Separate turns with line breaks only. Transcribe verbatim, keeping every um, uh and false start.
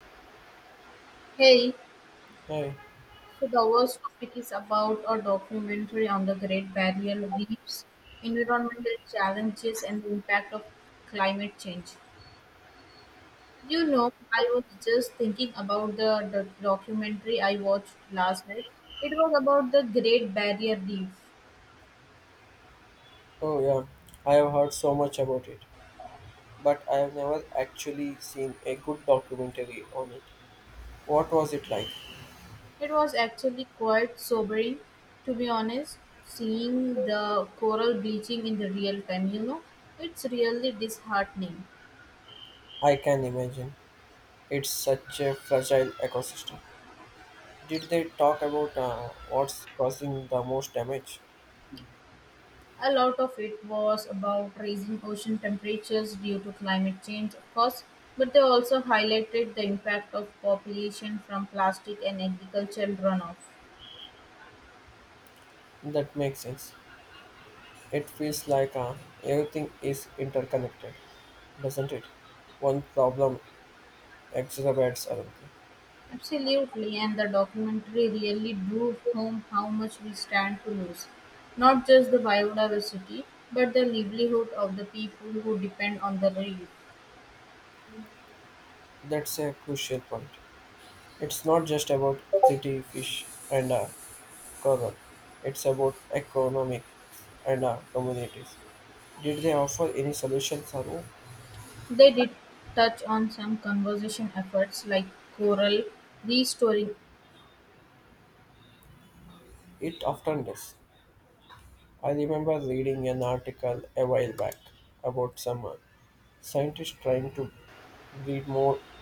Hey,
Hey,
so the first topic is about a documentary on the Great Barrier Reefs, environmental challenges, and the impact of climate change. You know, I was just thinking about the, the documentary I watched last night. It was about the Great Barrier Reef.
oh yeah, I have heard so much about it, but I have never actually seen a good documentary on it. What was it like?
It was actually quite sobering, to be honest, seeing the coral bleaching in the real time, you know. It's really disheartening.
I can imagine. It's such a fragile ecosystem. Did they talk about uh, what's causing the most damage?
A lot of it was about raising ocean temperatures due to climate change, of course, but they also highlighted the impact of population from plastic and agricultural runoff.
That makes sense. It feels like uh, everything is interconnected, doesn't it? One problem exacerbates another.
Absolutely, and the documentary really drove home how much we stand to lose. Not just the biodiversity, but the livelihood of the people who depend on the reef.
That's a crucial point. It's not just about city fish and uh, cousin. It's about economics and our communities. Did they offer any solutions? Anu?
They did touch on some conservation efforts like coral restoring.
It often does. I remember reading an article a while back about some uh, scientists trying to breed more